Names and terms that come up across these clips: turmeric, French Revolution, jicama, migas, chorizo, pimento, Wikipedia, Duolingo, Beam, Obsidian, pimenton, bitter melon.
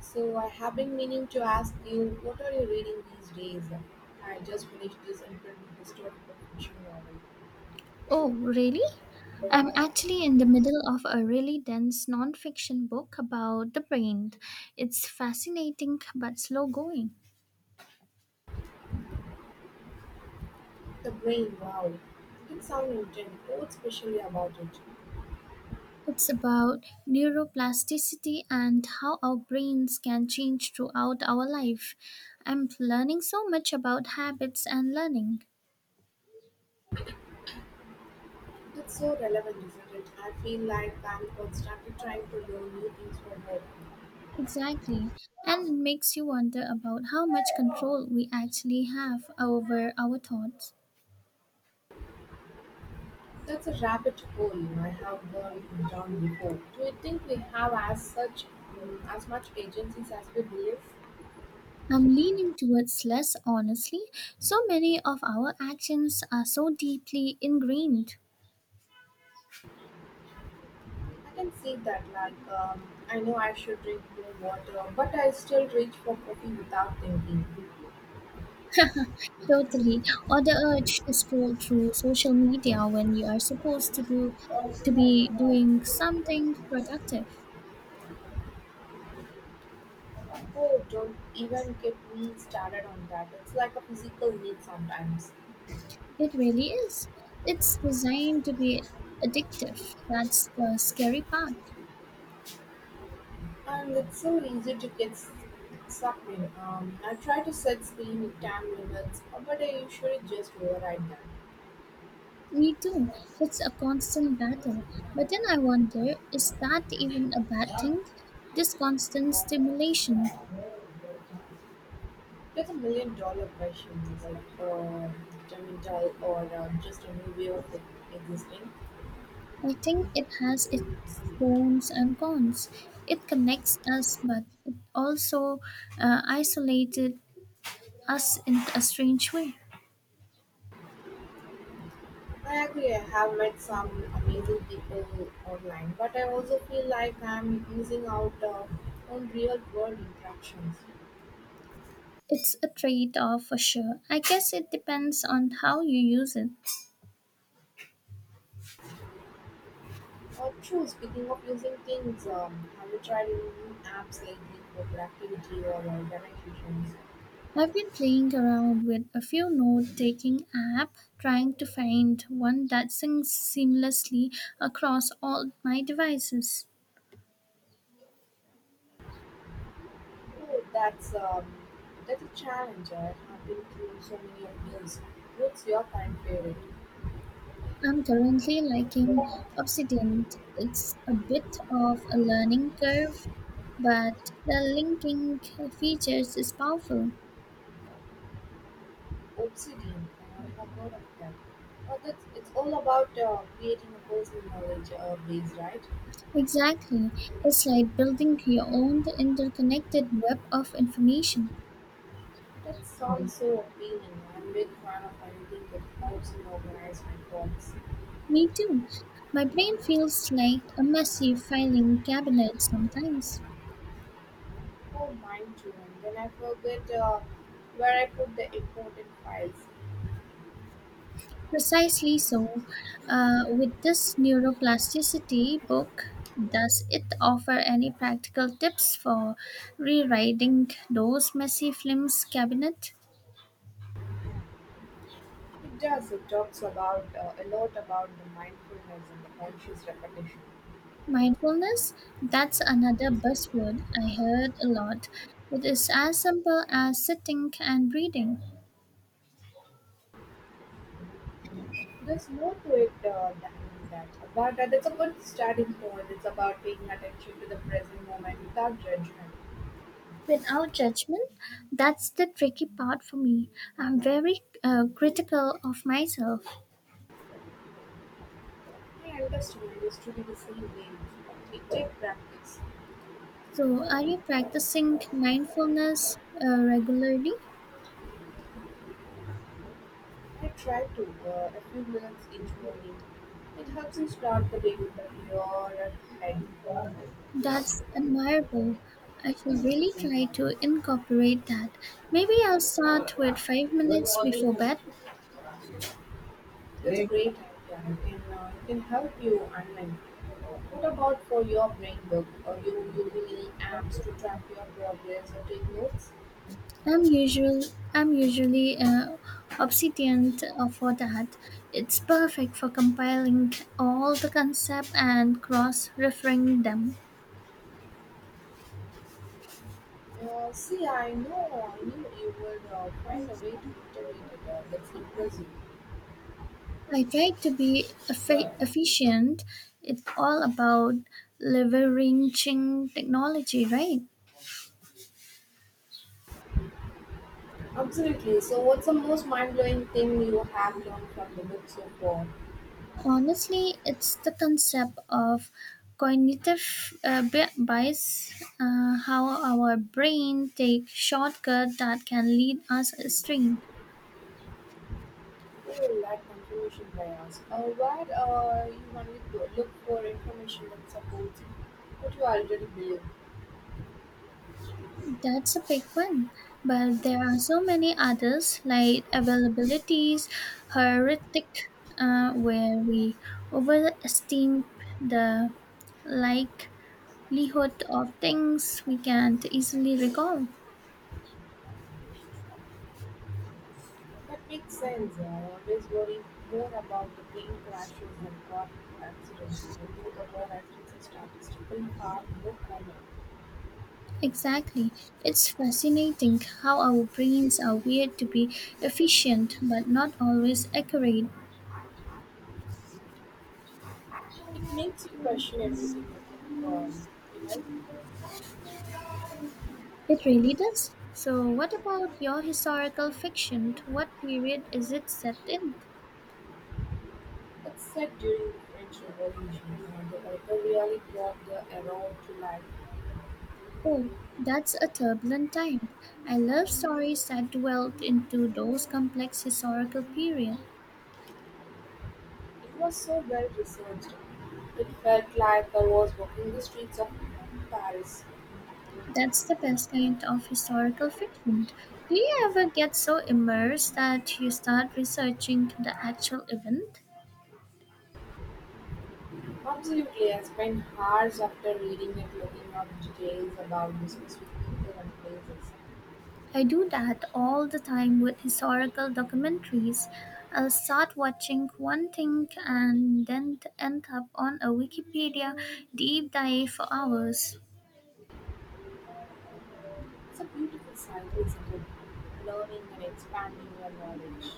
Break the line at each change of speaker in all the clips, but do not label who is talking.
So I have been meaning to ask you, what are you reading these days? I just finished this incredible historical fiction novel.
Oh, really? I'm actually in the middle of a really dense nonfiction book about the brain. It's fascinating but slow going.
The Brain, wow. It sounds intense. What's special about it?
It's about neuroplasticity and how our brains can change throughout our life. I'm learning so much about habits and learning.
It's so relevant, isn't it? I feel like I'm constantly trying to learn new things from her.
Exactly. And it makes you wonder about how much control we actually have over our thoughts.
That's a rabbit hole I have gone down before. Do you think we have as such as much agencies as we believe?
I'm leaning towards less honestly. So many of our actions are so deeply ingrained.
I can see that. I know I should drink more water, but I still reach for coffee without thinking.
Totally. Or the urge to scroll through social media when you are supposed to do to be doing something productive.
Oh, don't even get me started on that. It's like a physical need sometimes,
It really is. It's designed to be addictive. That's the scary part.
and it's so easy to sucked in. I try to set screen time limits, but I usually just override them.
Me too. It's a constant battle. But then I wonder, is that even a bad thing? This constant stimulation.
That's a $1 million question: is it detrimental or just a new way of existing?
I think it has its pros and cons. It connects us, but it also isolated us in a strange way.
I agree. I have met some amazing people online, but I also feel like I'm missing out on real world interactions.
It's a trade off for sure. I guess it depends on how you use it.
True, speaking of using things, have you tried any new apps lately for productivity or organizations?
I've been playing around with a few note taking app trying to find one that syncs seamlessly across all my devices.
Oh, that's um, that's a challenge. I have been through so many of these. What's your current favorite?
I'm currently liking Obsidian. It's a bit of a learning curve, but the linking features is powerful.
Obsidian. I have heard of that. It's all about creating a personal knowledge base, right?
Exactly. It's like building your own interconnected web of information.
That sounds so appealing. I'm a big fan of anything that helps me organize my thoughts.
Me too. My brain feels like a messy filing cabinet sometimes.
Oh, mine too. And then I forget where I put the important files.
Precisely so. With this neuroplasticity book, does it offer any practical tips for rewriting those messy films cabinet?
It does. It talks about a lot about the mindfulness and the conscious repetition.
Mindfulness, that's another buzzword I heard a lot. It is as simple as sitting and breathing
There's more to it than that. But that's a good starting point. It's about paying attention to the present moment without judgment.
without judgment. That's the tricky part for me. I'm very critical of myself.
I understand. I used to be the same way. It takes practice.
So, are you practicing mindfulness regularly?
I try to, a few minutes each morning. It helps me start the day with a clearer head.
That's admirable. I should really try to incorporate that. Maybe I'll start with 5 minutes before bed.
That's a great idea. It can help you unwind. What about for your brain work? Are you using any apps to track your progress or take notes?
I'm usual. I'm usually obsedient for that. It's perfect for compiling all the concept and cross-referring them.
I knew you would find a way to integrate it. That's impressive.
I try to be efficient. It's all about leveraging technology, right?
Absolutely. So, what's the most mind blowing thing you have learned from the book so far?
Honestly, it's the concept of cognitive bias, how our brain takes shortcuts that can lead us astray.
Oh, like confirmation bias, where you only look for information that supports what you already believe.
That's a big one, but there are so many others like availabilities, heuristics, where we overestimate the likelihood of things we can't easily recall.
That makes sense. I always worry more about the plane crashes than car accidents, even though the car accidents are statistically far more common.
Exactly. It's fascinating how our brains are wired to be efficient but not always accurate.
It makes you question everything I think, you know,
It really does. So, what about your historical fiction? What period is it set in?
it's said during the French Revolution, the author really brought the era to life.
Oh, that's a turbulent time. I love stories that dwell into those complex historical periods.
It was so well researched, it felt like I was walking the streets of Paris.
That's the best kind of historical fiction. Do you ever get so immersed that you start researching the actual event?
Absolutely, I spent hours after reading it looking up details about the specific people and places.
I do that all the time with historical documentaries. I'll start watching one thing and then end up on a Wikipedia deep dive for hours.
It's a beautiful cycle, isn't it? Learning and expanding your knowledge.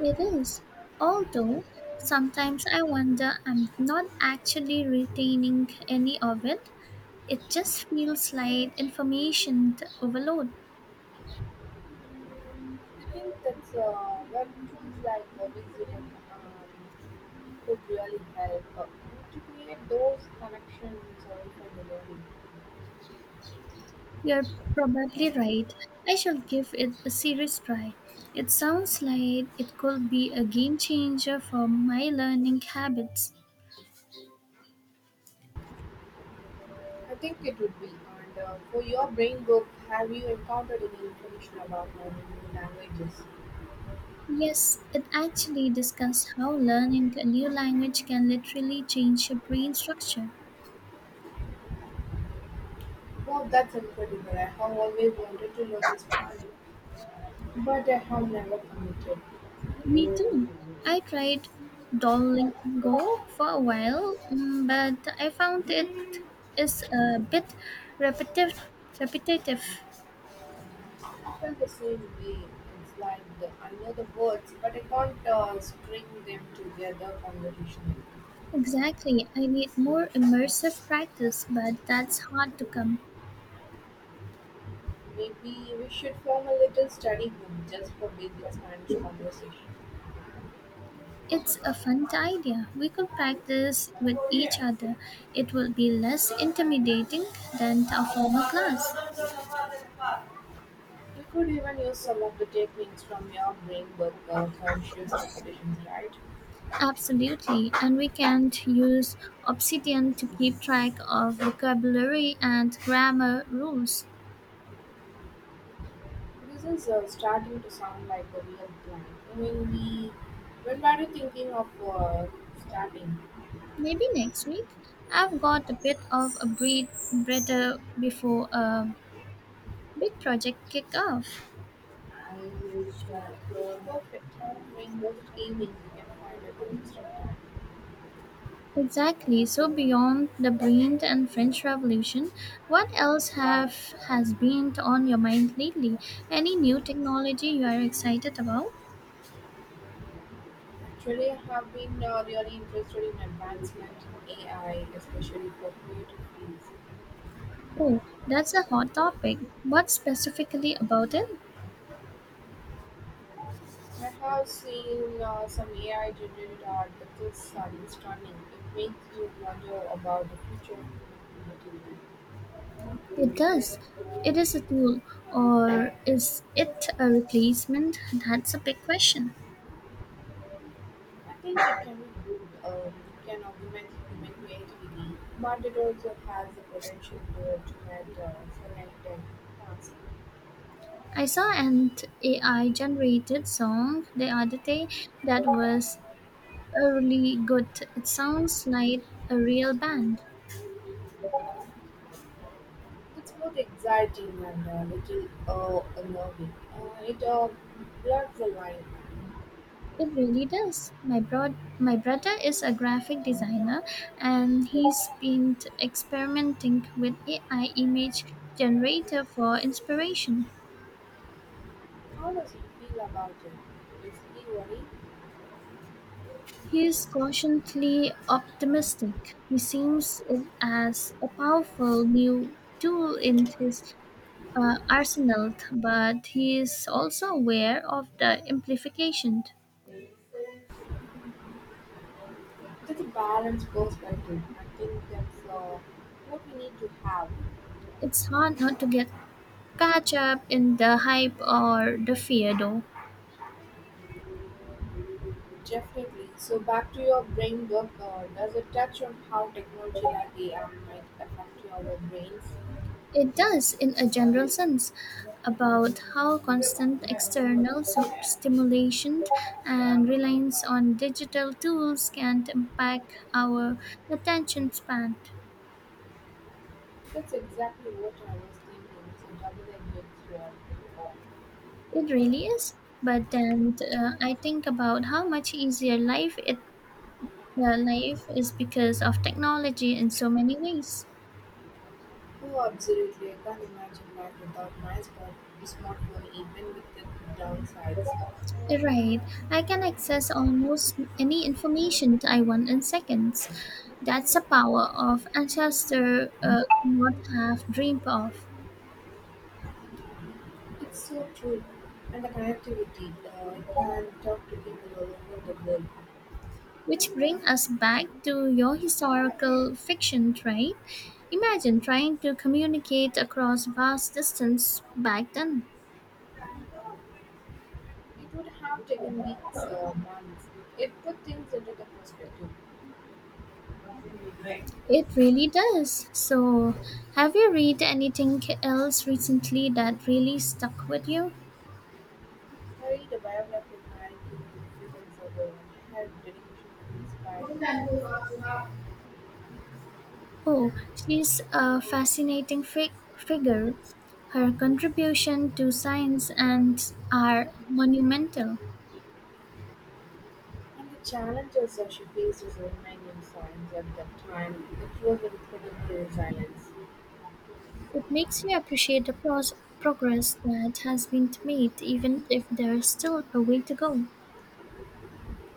It is. Although sometimes I wonder I'm not actually retaining any of it. It just feels like information overload.
I think that's where tools like Visit could really help to create those connections also for the learning.
You're probably right. I shall give it a serious try. It sounds like it could be a game changer for my learning habits.
I think it would be. And for your brain work, have you encountered any information about learning new languages?
Yes, it actually discussed how learning a new language can literally change your brain structure.
Wow, that's incredible. I have always wanted to learn Spanish, but I have never committed.
Me too. I tried Duolingo for a while, mm, but I found it is a bit repetitive. repetitive.
I feel the same way. I know the words, but I can't string them together conversationally.
Exactly. I need more immersive practice, but that's hard to come.
Maybe we should form a little study group just for basic Spanish conversation.
It's a fun idea. We could practice with each other. It will be less intimidating than a formal class.
We could even use some of the techniques from your brain work, conscious repetitions, right?
Absolutely. And we can use Obsidian to keep track of vocabulary and grammar rules.
This is starting to sound like a real plan. When we, when were you thinking of starting?
Maybe next week. I've got a bit of a breather before a big project kick off.
Perfect time. During most evenings, you can find a consistent time.
Exactly. So beyond the Brent and French Revolution, what else have has been on your mind lately? Any new technology you are excited about?
Actually, I have been really interested in advancement in AI, especially for creative fields.
Oh, that's a hot topic. What specifically about it?
I have seen some AI generated art that is stunning. It makes you wonder about the future of human creativity.
It does. It is a tool, or is it a replacement? That's a big question.
I think it can be good. It can augment human creativity, but it also has the potential to automate selected tasks.
I saw an AI generated song the other day that was a really good. It sounds like a real band.
It's both exciting and a little unnerving. It blurs the line.
It really does. My brother is a graphic designer and he's been experimenting with AI image generator for inspiration.
How does you feel about it? Is he worried?
He is cautiously optimistic. He sees it as a powerful new tool in his arsenal, but he is also aware of the implications.
It's a balanced perspective. I think that's what we need to have.
It's hard not to get catch up in the hype or the fear though.
Definitely. So back to your brain work, does it touch on how technology like AI might affect our brains?
It does, in a general sense, about how constant external stimulation and reliance on digital tools can impact our attention span.
That's exactly what I was thinking. It's a double-edged sword.
It really is. But then I think about how much easier life is because of technology in so many ways.
Oh, absolutely. I can't imagine life without my smartphone, even with the downsides.
Right. I can access almost any information I want in seconds. That's the power of ancestor not have dreamed of.
It's so true. And the connectivity, I can talk to people all over the world.
Which bring us back to your historical fiction, right? Imagine trying to communicate across vast distance back then.
It would have taken weeks or months. It put things into the perspective.
It really does. So, have you read anything else recently that really stuck with you?
Harry, the biography of Mary King is influenced by her dedication to inspiring,
Oh, she's a figure. Her contribution to science and are monumental.
and the challenges that she faced as a woman in science at that time, it was incredibly resilience.
It makes you appreciate the progress that has been made, even if there is still a way to go.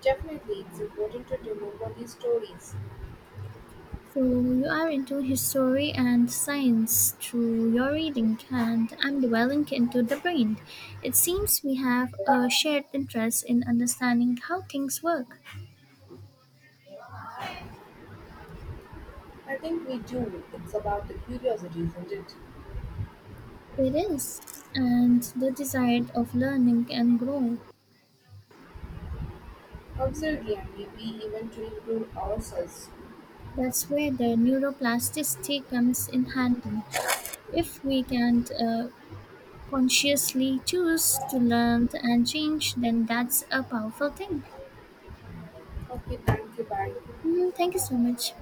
Definitely, it's important to remember these stories.
So you are into history and science through your reading, and I'm dwelling into the brain. It seems we have a shared interest in understanding how things work.
I think we do. It's about the curiosity, isn't it?
It is, and the desire of learning and grow.
Absolutely, and maybe even to improve ourselves.
That's where the neuroplasticity comes in handy. If we can't consciously choose to learn and change, then that's a powerful thing.
Okay, thank you. Bye.
Mm, thank you so much.